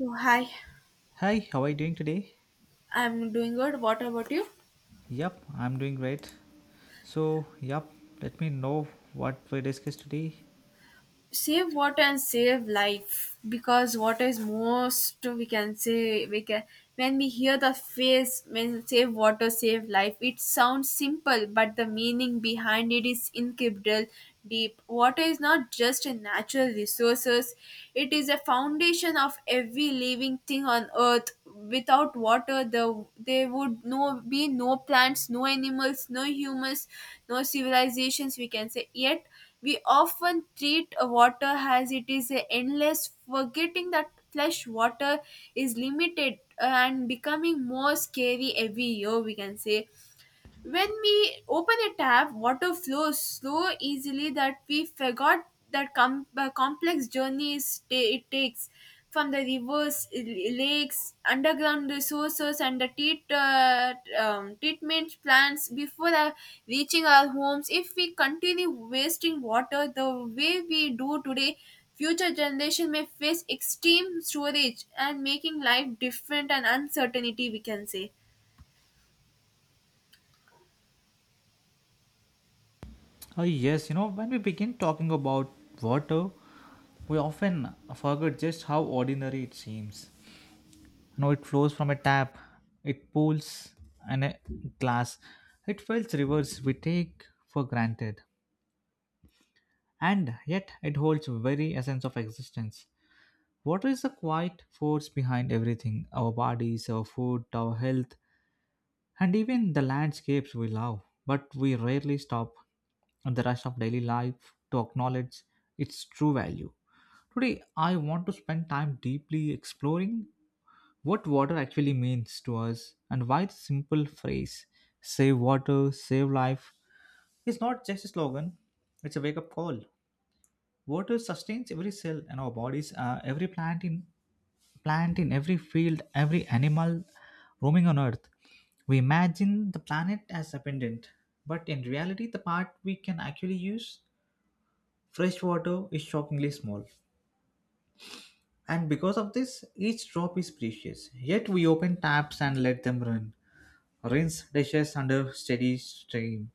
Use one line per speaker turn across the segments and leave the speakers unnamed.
Oh, hi,
Hi, how are you doing today?
I'm doing good. What about you?
Yep, I'm doing great. So, yep, let me know what we discuss today.
Save water and save life, because water is most, we can say, we can when we hear the phrase, when save water, save life, it sounds simple, but the meaning behind it is incredible deep. Water is not just a natural resources, it is a foundation of every living thing on earth. Without water there would no be no plants, no animals, no humans, no civilizations, we can say. Yet we often treat water as it is endless, forgetting that fresh water is limited and becoming more scary every year, we can say. When we open a tap, water flows so easily that we forgot that complex journey it takes from the rivers, lakes, underground resources, and the treatment plants before reaching our homes. If we continue wasting water the way we do today, future generation may face extreme storage and making life different and uncertainty, we can say.
Oh, yes, you know, when we begin talking about water, we often forget just how ordinary it seems. You know, it flows from a tap, it pools, and a glass. It fills rivers we take for granted. And yet, it holds very essence of existence. Water is the quiet force behind everything our bodies, our food, our health, and even the landscapes we love, but we rarely stop in the rush of daily life to acknowledge its true value. Today, I want to spend time deeply exploring what water actually means to us and why the simple phrase, save water, save life, is not just a slogan, it's a wake up call. Water sustains every cell in our bodies, every plant in every field, every animal roaming on Earth. We imagine the planet as abundant, but in reality, the part we can actually use, fresh water, is shockingly small. And because of this, each drop is precious. Yet we open taps and let them run, rinse dishes under steady stream.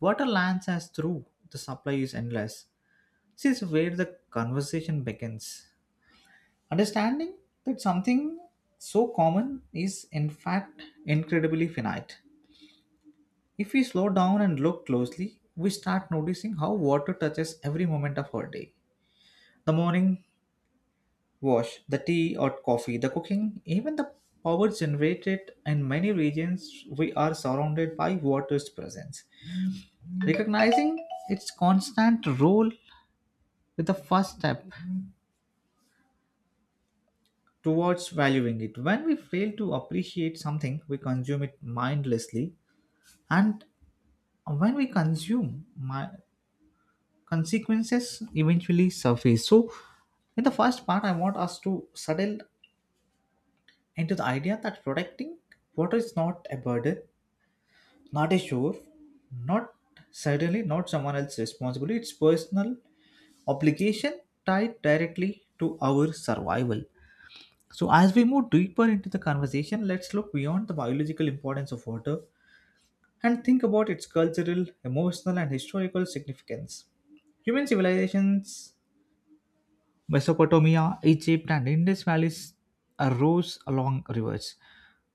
Water lands us through, the supply is endless. This is where the conversation begins. Understanding that something so common is, in fact, incredibly finite. If we slow down and look closely, we start noticing how water touches every moment of our day. The morning wash, the tea or coffee, the cooking, even the power generated in many regions, we are surrounded by water's presence. Recognizing its constant role with the first step towards valuing it. When we fail to appreciate something, we consume it mindlessly and when we consume my consequences eventually surface. So in the first part, I want us to settle into the idea that protecting water is not a burden, not a chore, not certainly not someone else's responsibility. It's personal obligation tied directly to our survival. So as we move deeper into the conversation, let's look beyond the biological importance of water and think about its cultural, emotional, and historical significance. Human civilizations, Mesopotamia, Egypt, and Indus valleys arose along rivers.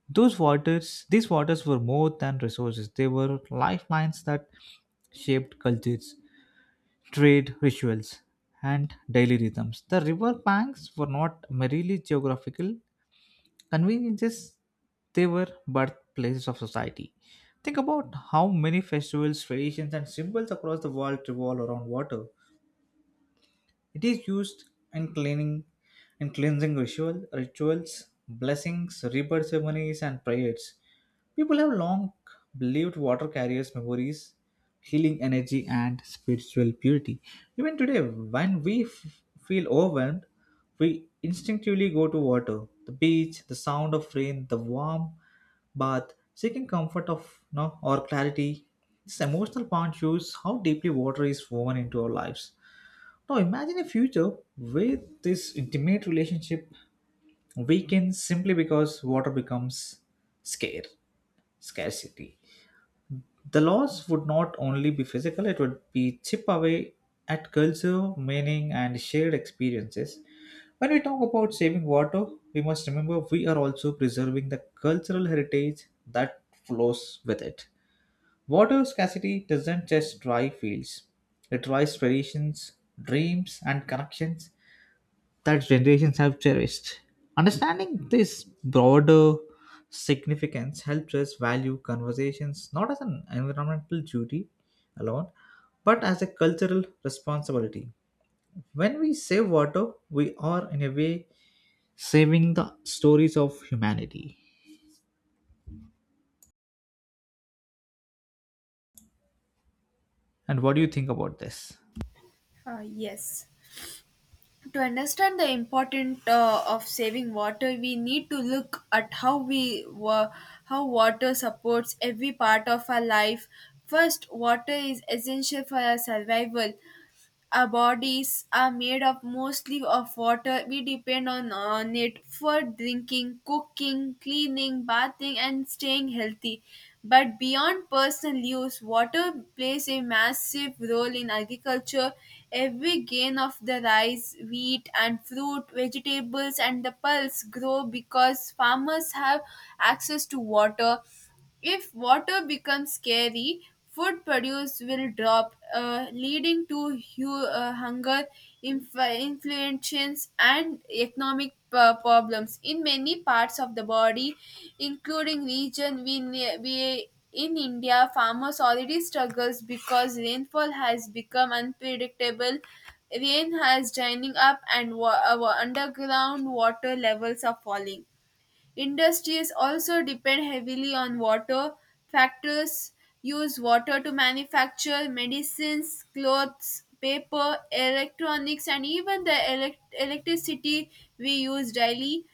Those waters, these waters were more than resources; they were lifelines that shaped cultures, trade rituals, and daily rhythms. The river banks were not merely geographical conveniences, they were birthplaces of society. Think about how many festivals, traditions, and symbols across the world revolve around water. It is used in cleaning, in cleansing rituals, blessings, rebirth ceremonies, and prayers. People have long believed water carries memories, healing energy, and spiritual purity. Even today, when we feel overwhelmed, we instinctively go to water, the beach, the sound of rain, the warm bath, seeking comfort of no or clarity. This emotional pond shows how deeply water is woven into our lives. Now imagine a future where this intimate relationship weakens simply because water becomes scarce, scarcity. The loss would not only be physical, it would be chip away at culture, meaning, and shared experiences. When we talk about saving water, we must remember we are also preserving the cultural heritage that flows with it. Water scarcity doesn't just dry fields, it dries traditions, dreams, and connections that generations have cherished. Understanding this broader significance helps us value conversations not as an environmental duty alone, but as a cultural responsibility. When we save water, we are in a way saving the stories of humanity. And what do you think about this?
Uh, yes. To understand the importance of saving water, we need to look at how we how water supports every part of our life. First, water is essential for our survival. Our bodies are made up mostly of water. We depend on it for drinking, cooking, cleaning, bathing, and staying healthy. But beyond personal use, water plays a massive role in agriculture. Every grain of the rice, wheat, and fruit, vegetables, and the pulse grow because farmers have access to water. If water becomes scarce, food produce will drop, leading to hunger, influences, and economic problems in many parts of the body, including region we in India. Farmers already struggles because rainfall has become unpredictable. Rain has drying up, and underground water levels are falling. Industries also depend heavily on water. Factors use water to manufacture medicines, clothes, paper, electronics, and even the electricity we use daily.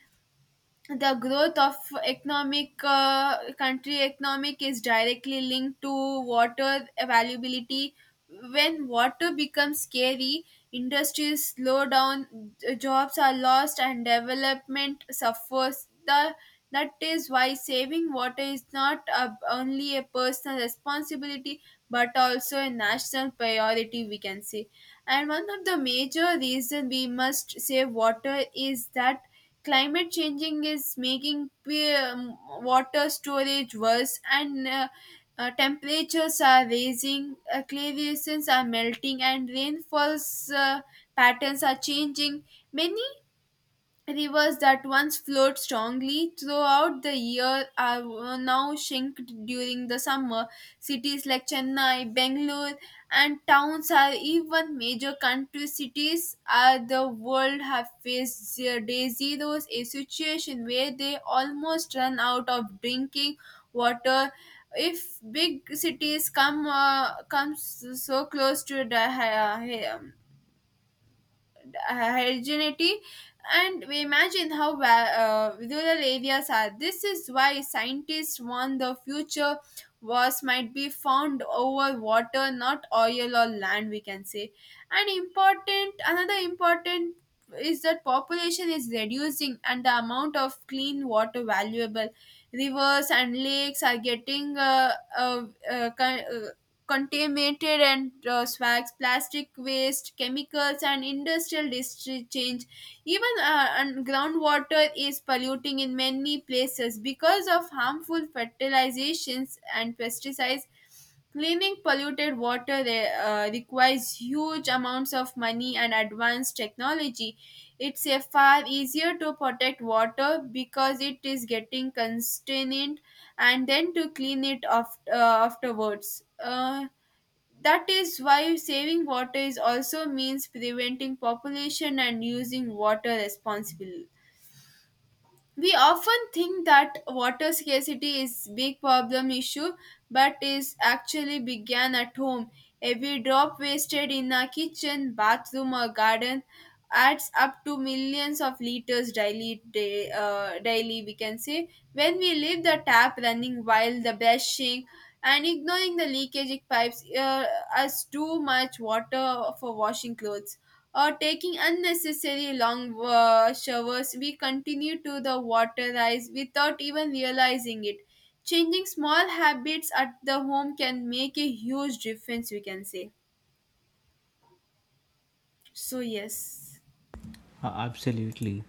The growth of economic country economic is directly linked to water availability. When water becomes scary, industries slow down, jobs are lost, and development suffers. The that is why saving water is not a, only a personal responsibility, but also a national priority, we can say. And one of the major reason we must save water is that climate changing is making water storage worse, and temperatures are rising, clay glaciers are melting, and rainfalls patterns are changing. Many rivers that once flowed strongly throughout the year are now shinked during the summer. Cities like Chennai, Bangalore, and towns are even major country cities are the world have faced day zeros, a situation where they almost run out of drinking water. If big cities come comes so close to heterogeneity, and we imagine how rural areas are. This is why scientists warn the future wars might be found over water, not oil or land, we can say. And important, another important is that population is reducing and the amount of clean water valuable. Rivers and lakes are getting contaminated, and swags, plastic waste, chemicals, and industrial district change. Even and groundwater is polluting in many places because of harmful fertilizations and pesticides. Cleaning polluted water requires huge amounts of money and advanced technology. It's a far easier to protect water because it is getting contained, and then to clean it afterwards. That is why saving water is also means preventing population and using water responsibly. We often think that water scarcity is big problem issue, but is actually began at home. Every drop wasted in a kitchen, bathroom, or garden adds up to millions of liters daily. Daily, we can say, when we leave the tap running while the brushing and ignoring the leakage pipes, us too much water for washing clothes or taking unnecessarily long showers, we continue to the water rise without even realizing it. Changing small habits at the home can make a huge difference, we can say. So, yes.
Absolutely.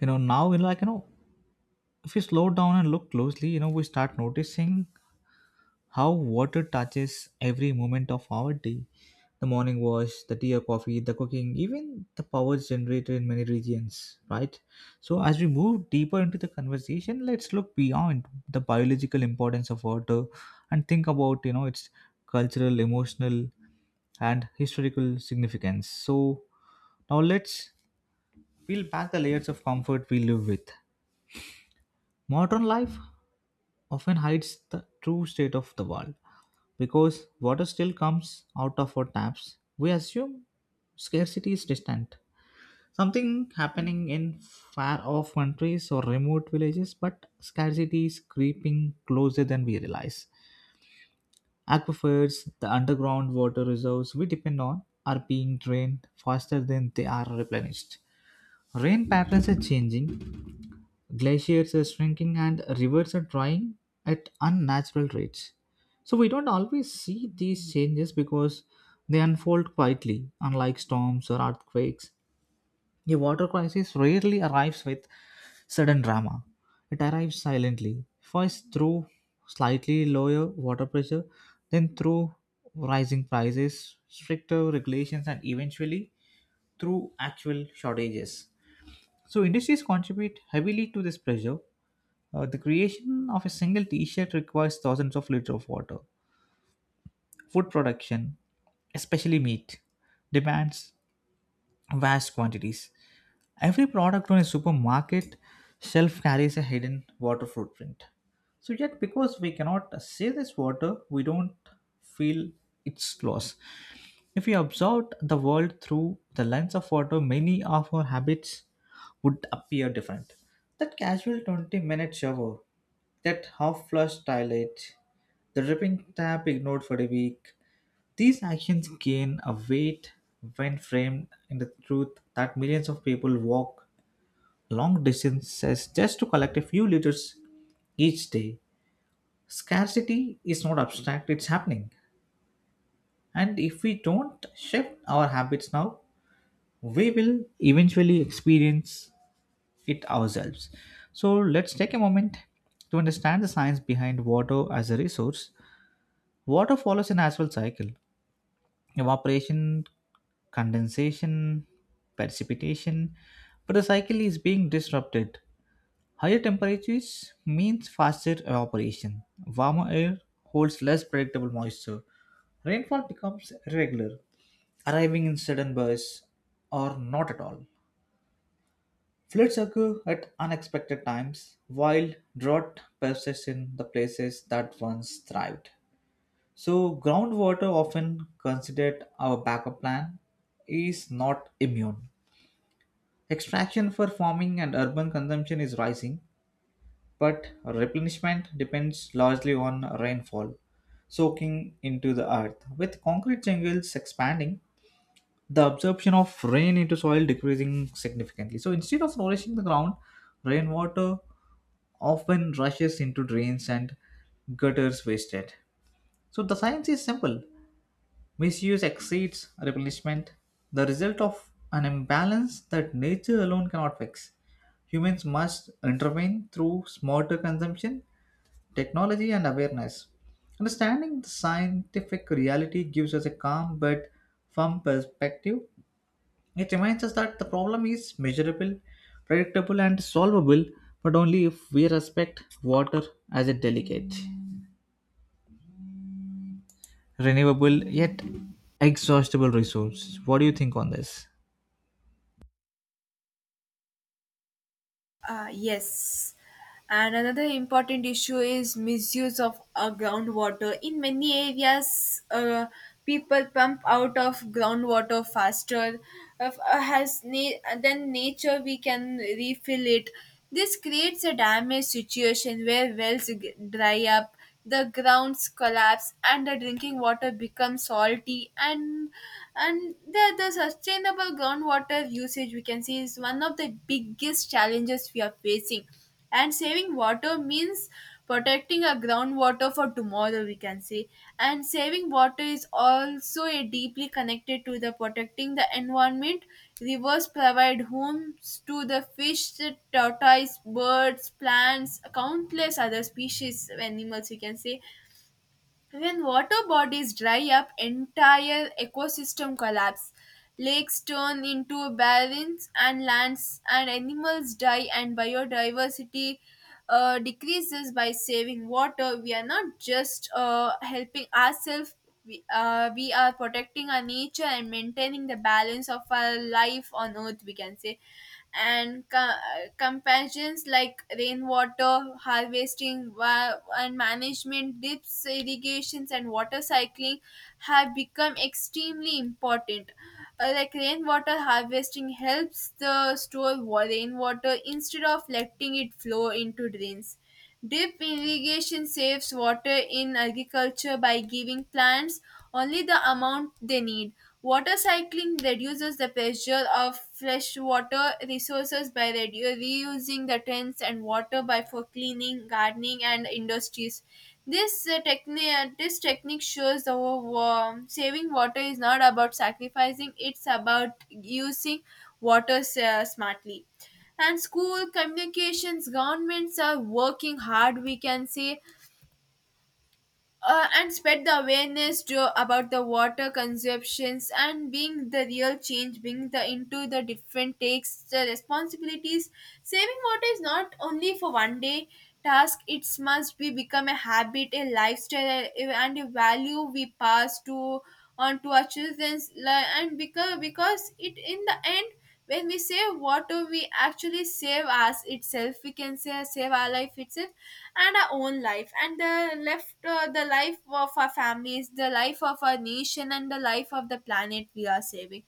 Now, if we slow down and look closely, we start noticing how water touches every moment of our day, the morning wash, the tea or coffee, the cooking, even the power generated in many regions, right? So as we move deeper into the conversation, let's look beyond the biological importance of water and think about its cultural, emotional, and historical significance. So now let's peel back the layers of comfort we live with. Modern life often hides the true state of the world because water still comes out of our taps. We assume scarcity is distant, something happening in far off countries or remote villages, but scarcity is creeping closer than we realize. Aquifers, the underground water reserves we depend on, are being drained faster than they are replenished. Rain patterns are changing, glaciers are shrinking, and rivers are drying at unnatural rates. So, we don't always see these changes because they unfold quietly, unlike storms or earthquakes. A water crisis rarely arrives with sudden drama. It arrives silently, first through slightly lower water pressure, then through rising prices, stricter regulations, and eventually through actual shortages. So, industries contribute heavily to this pressure. The creation of a single t shirt requires thousands of liters of water. Food production, especially meat, demands vast quantities. Every product on a supermarket shelf carries a hidden water footprint. So, yet, because we cannot see this water, we don't feel its loss. If we observed the world through the lens of water, many of our habits would appear different. That casual 20-minute shower, that half flush toilet, the dripping tap ignored for a week, these actions gain a weight when framed in the truth that millions of people walk long distances just to collect a few liters each day. Scarcity is not abstract, it's happening. And if we don't shift our habits now, we will eventually experience it ourselves. So let's take a moment to understand the science behind water as a resource. Water follows a natural cycle: evaporation, condensation, precipitation, but the cycle is being disrupted. Higher temperatures means faster evaporation. Warmer air holds less predictable moisture. Rainfall becomes irregular, arriving in sudden bursts or not at all. Floods occur at unexpected times, while drought persists in the places that once thrived. So, groundwater, often considered our backup plan, is not immune. Extraction for farming and urban consumption is rising, but replenishment depends largely on rainfall soaking into the earth. With concrete jungles expanding, the absorption of rain into soil decreasing significantly. So instead of nourishing the ground, rainwater often rushes into drains and gutters wasted. So the science is simple. Misuse exceeds replenishment, the result of an imbalance that nature alone cannot fix. Humans must intervene through smarter consumption, technology, and awareness. Understanding the scientific reality gives us a calm but firm perspective. It reminds us that the problem is measurable, predictable, and solvable, but only if we respect water as a delicate, renewable, yet exhaustible resource. What do you think on this?
Yes. And another important issue is misuse of groundwater. In many areas, people pump out of groundwater faster uh, than nature we can refill it. This creates a damaged situation where dry up, the grounds collapse, and the drinking water becomes salty, and the sustainable groundwater usage, we can see, is one of the biggest challenges we are facing, and saving water means protecting our groundwater for tomorrow, we can say. And saving water is also a deeply connected to the protecting the environment. Rivers provide homes to the fish, tortoise, birds, plants, countless other species, of animals, we can say. When water bodies dry up, entire ecosystem collapse. Lakes turn into barrens and lands, and animals die, and biodiversity decreases by saving water. We are not just helping ourselves, we are protecting our nature and maintaining the balance of our life on earth, we can say. And companions like rainwater harvesting and management, dips, irrigations, and water cycling have become extremely important. Like rainwater harvesting helps the store rainwater instead of letting it flow into drains. Deep irrigation saves water in agriculture by giving plants only the amount they need. Water cycling reduces the pressure of fresh water resources by reusing the tanks and water by for cleaning, gardening, and industries. This technique shows the saving water is not about sacrificing; it's about using water smartly. And school communications governments are working hard, we can say, and spread the awareness about the water consumptions and being the real change being the into the different takes the responsibilities. Saving water is not only for one day task, it must be become a habit, a lifestyle, and a value we pass to on to our children's and because it in the end, when we save water, we actually save us itself, we can say, save our life itself and our own life and the left the life of our families, the life of our nation, and the life of the planet we are saving.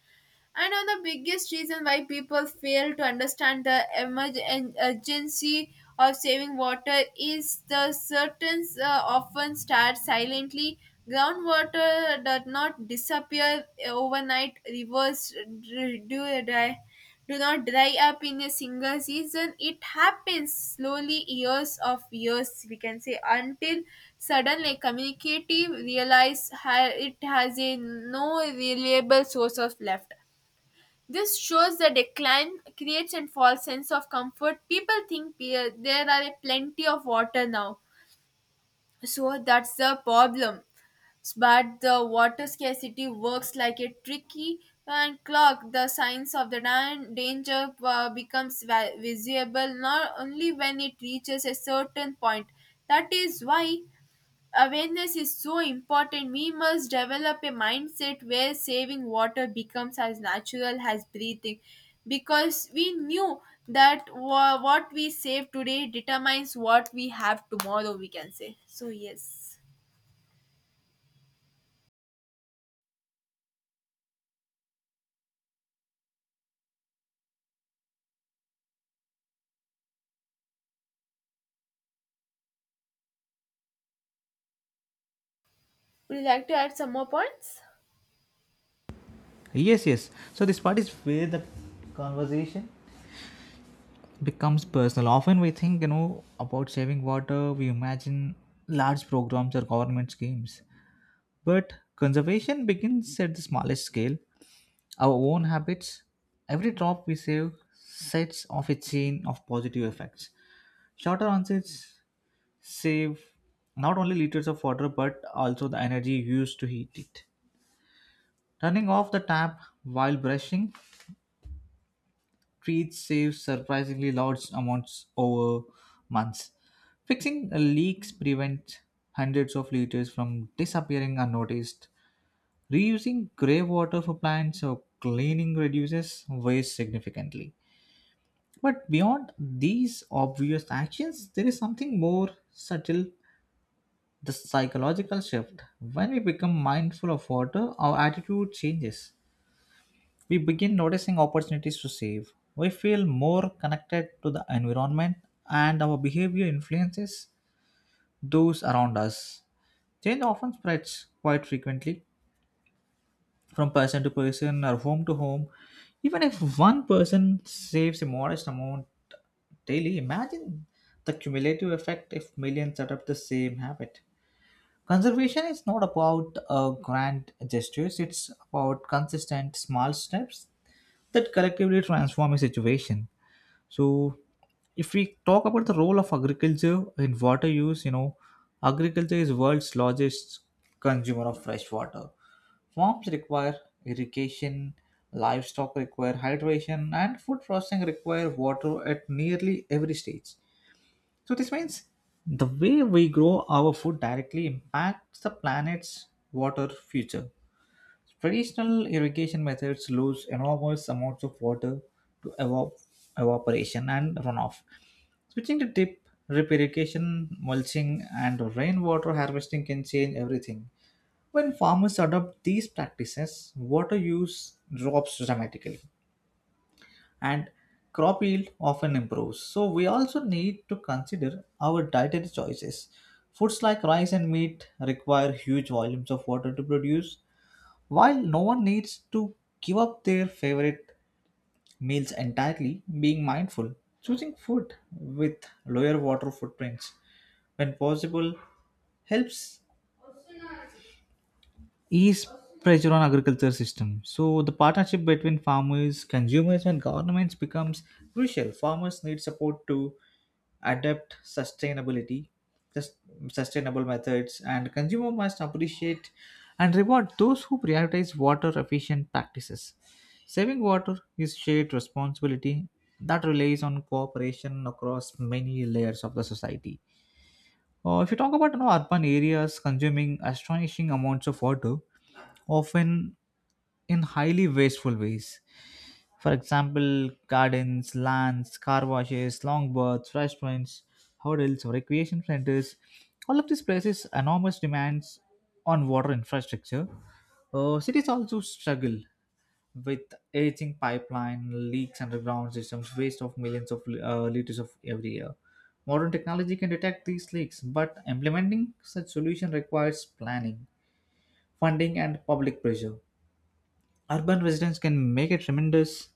And on the biggest reason why people fail to understand the urgency of saving water is the certain often start silently. Groundwater does not disappear overnight. Rivers d- do dry, do not dry up in a single season. It happens slowly, years of years, we can say, until suddenly communicative realize it has a no reliable source of left. This shows the decline creates and false sense of comfort. People think there are a plenty of water now, so that's the problem. But the water scarcity works like a tricky and clock. The signs of the danger becomes visible not only when it reaches a certain point. That is why awareness is so important. We must develop a mindset where saving water becomes as natural as breathing, because we knew that what we save today determines what we have tomorrow, we can say. So, yes. Would you like to add some more points?
Yes, yes. So this part is where the conversation becomes personal. Often we think, about saving water, we imagine large programs or government schemes. But conservation begins at the smallest scale, our own habits. Every drop we save sets off a chain of positive effects. Shorter onsets save not only liters of water but also the energy used to heat it. Turning off the tap while brushing trees saves surprisingly large amounts over months. Fixing leaks prevents hundreds of liters from disappearing unnoticed. Reusing grey water for plants or cleaning reduces waste significantly. But beyond these obvious actions, there is something more subtle, the psychological shift. When we become mindful of water, our attitude changes. We begin noticing opportunities to save. We feel more connected to the environment, and our behavior influences those around us. Change often spreads quite frequently from person to person or home to home. Even if one person saves a modest amount daily, imagine the cumulative effect if millions adopt the same habit. Conservation is not about grand gestures, it's about consistent small steps that collectively transform a situation. So, if we talk about the role of agriculture in water use, agriculture is world's largest consumer of fresh water. Farms require irrigation, livestock require hydration, and food processing require water at nearly every stage. So this means the way we grow our food directly impacts the planet's water future. Traditional irrigation methods lose enormous amounts of water to evaporation and runoff. Switching to drip irrigation, mulching, and rainwater harvesting can change everything. When farmers adopt these practices, water use drops dramatically and crop yield often improves. So, we also need to consider our dietary choices. Foods like rice and meat require huge volumes of water to produce. While no one needs to give up their favorite meals entirely, being mindful, choosing food with lower water footprints when possible helps ease pressure on agriculture system. So the partnership between farmers, consumers, and governments becomes crucial. Farmers need support to adapt sustainability, sus- sustainable methods, and consumer must appreciate and reward those who prioritize water efficient practices. Saving water is shared responsibility that relies on cooperation across many layers of the society. If you talk about, urban areas consuming astonishing amounts of water, often in highly wasteful ways. For example, gardens, lands, car washes, long baths, restaurants, hotels, or recreation centers. All of these places enormous demands on water infrastructure. Cities also struggle with aging pipeline, leaks, underground systems, waste of millions of liters of every year. Modern technology can detect these leaks, but implementing such solution requires planning, funding, and public pressure. Urban residents can make a tremendous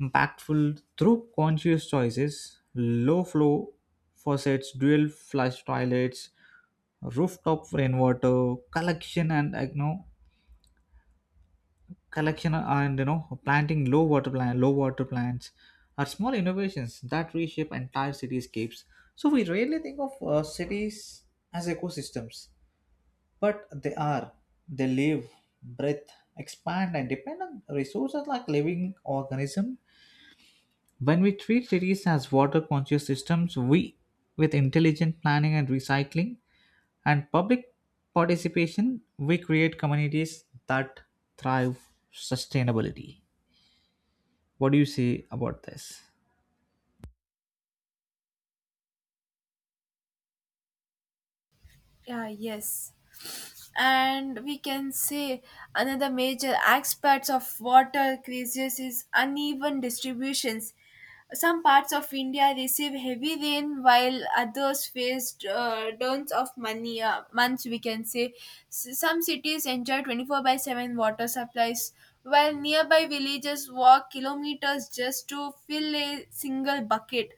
impactful through conscious choices: low flow faucets, dual flush toilets, rooftop rainwater collection and like, you know collection and planting low water plants are small innovations that reshape entire cityscapes. So we rarely think of cities as ecosystems, but they are, they live, breathe, expand, and depend on resources like living organism. When we treat cities as water conscious systems, we, with intelligent planning and recycling and public participation, we create communities that thrive sustainability. What do you say about this?
Yeah, yes. And we can say another major aspect of water crisis is uneven distributions. Some parts of India receive heavy rain while others face dearth of money months, we can say. Some cities enjoy 24/7 water supplies, while nearby villages walk kilometers just to fill a single bucket.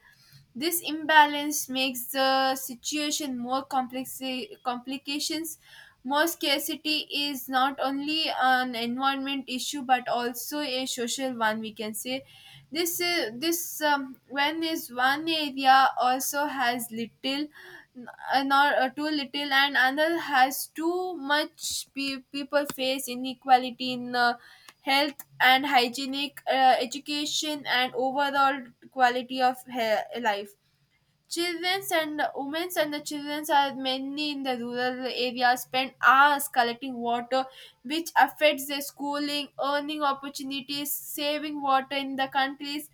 This imbalance makes the situation more complex complications. More scarcity is not only an environment issue but also a social one, we can say. This is this When is one area also has little nor too little and another has too much, people face inequality in health and hygienic education and overall quality of life. Children's and women's and the children's are mainly in the rural areas spend hours collecting water which affects their schooling earning opportunities. Saving water in the countries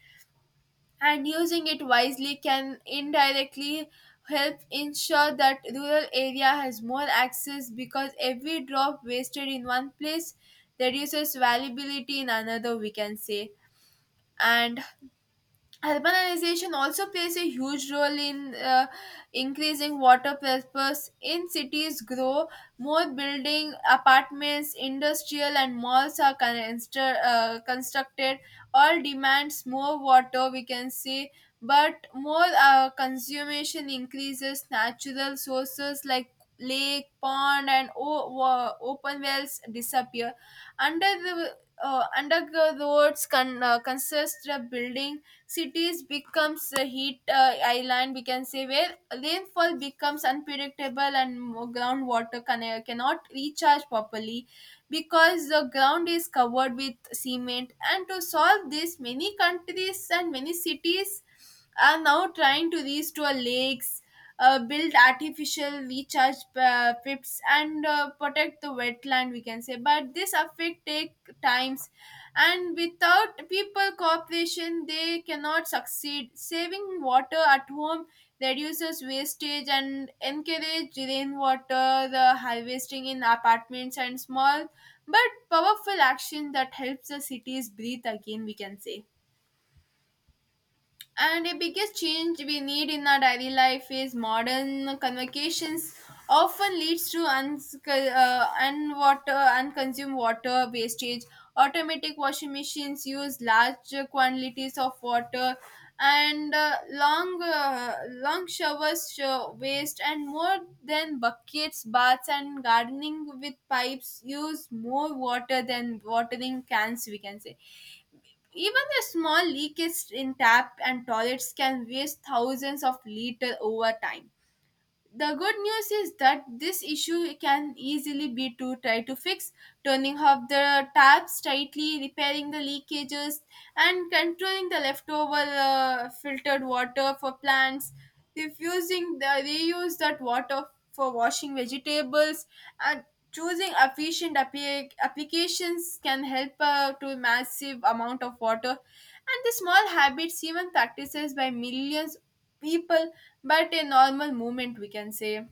and using it wisely can indirectly help ensure that rural area has more access, because every drop wasted in one place reduces valuability in another, we can say. And urbanization also plays a huge role in increasing water purpose. In cities grow, more building, apartments, industrial and malls are constructed. All demands more water, we can say. But more consumption increases natural sources like lake, pond and open wells disappear. Under the underground roads consist of building cities becomes a heat island, we can say, where rainfall becomes unpredictable and groundwater cannot recharge properly, because the ground is covered with cement. And to solve this, many countries and many cities are now trying to restore lakes, build artificial recharge pits, and protect the wetland, we can say. But this affect take times, and without people cooperation, they cannot succeed. Saving water at home reduces wastage and encourage rainwater the harvesting in apartments and small but powerful action that helps the cities breathe again, we can say. And the biggest change we need in our daily life is modern convocations often leads to unwater unconsumed water wastage. Automatic washing machines use large quantities of water, and long showers show waste and more than buckets baths, and gardening with pipes use more water than watering cans, we can say. Even a small leakage in tap and toilets can waste thousands of liters over time. The good news is that this issue can easily be to try to fix, turning off the taps tightly, repairing the leakages, and controlling the leftover filtered water for plants, refusing the reuse that water for washing vegetables, and choosing efficient applications can help to massive amount of water. And the small habits, even practices by millions people, but a normal movement, we can say.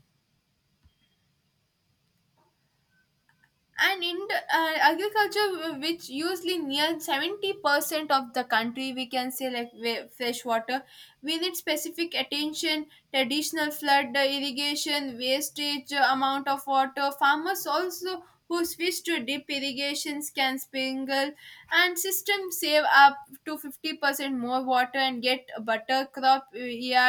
And in agriculture which usually near 70% of the country, we can say, like fresh water, we need specific attention. Traditional flood irrigation wastage amount of water. Farmers also who switch to deep irrigations can sprinkle and system save up to 50% more water and get a better crop year.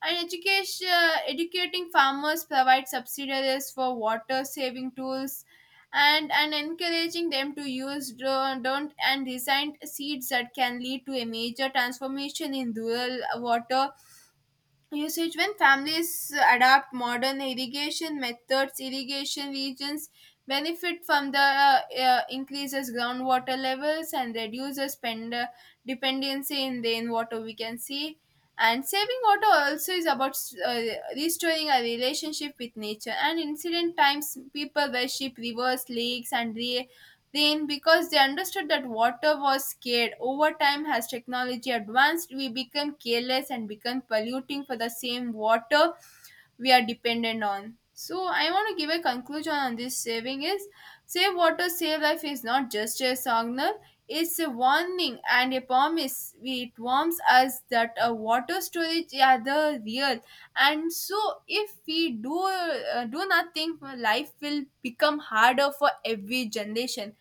And education educating farmers, provide subsidies for water saving tools, and encouraging them to use don't and recent seeds that can lead to a major transformation in rural water usage. When families adopt modern irrigation methods, irrigation regions benefit from the increases groundwater levels and reduces spend dependency in rainwater, we can see. And saving water also is about uh, restoring a relationship with nature. And incident times, people worship rivers, lakes, and then, because they understood that water was scarce. Over time, as technology advanced, we became careless and became polluting for the same water we are dependent on. So, I want to give a conclusion on this. Saving is save water, save life is not just a slogan. It's a warning and a promise. It warns us that a water storage are the real, and so if we do do nothing, life will become harder for every generation.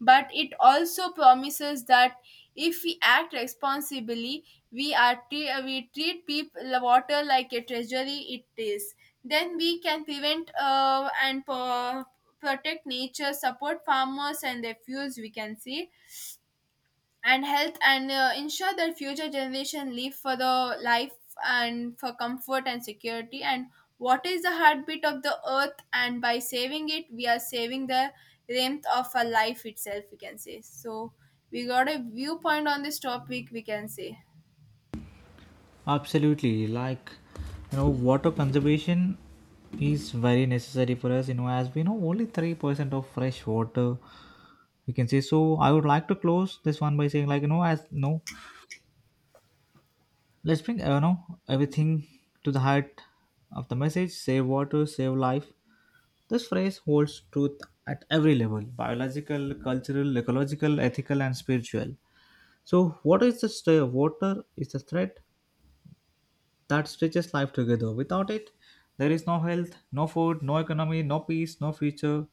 But it also promises that if we act responsibly, we are we treat people water like a treasury it is. Then we can prevent protect nature, support farmers and their fuels, we can see. And health and ensure that future generation live for the life and for comfort and security. And what is the heartbeat of the earth, and by saving it we are saving the length of a life itself, we can say. So we got a viewpoint on this topic, we can say.
Absolutely. Water conservation is very necessary for us, as we know only 3% of fresh water we can say. So, I would like to close this one by saying, as no. Let's bring everything to the heart of the message: save water, save life. This phrase holds truth at every level: biological, cultural, ecological, ethical, and spiritual. So, water is the thread that stitches life together. Without it, there is no health, no food, no economy, no peace, no future.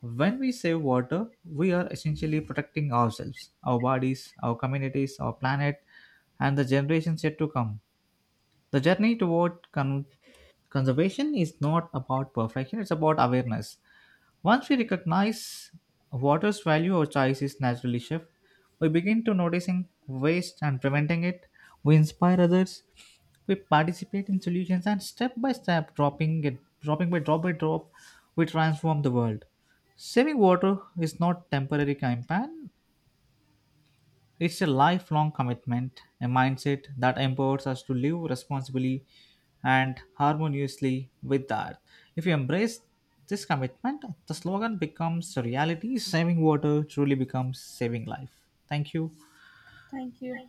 When we save water, we are essentially protecting ourselves, our bodies, our communities, our planet, and the generations yet to come. The journey toward conservation is not about perfection, it's about awareness. Once we recognize water's value, our choices naturally shift. We begin to noticing waste and preventing it. We inspire others. We participate in solutions and step by step, drop by drop, we transform the world. Saving water is not temporary campaign. It's a lifelong commitment, a mindset that empowers us to live responsibly and harmoniously with the earth. If you embrace this commitment, the slogan becomes a reality. Saving water truly becomes saving life. Thank you.
Thank you.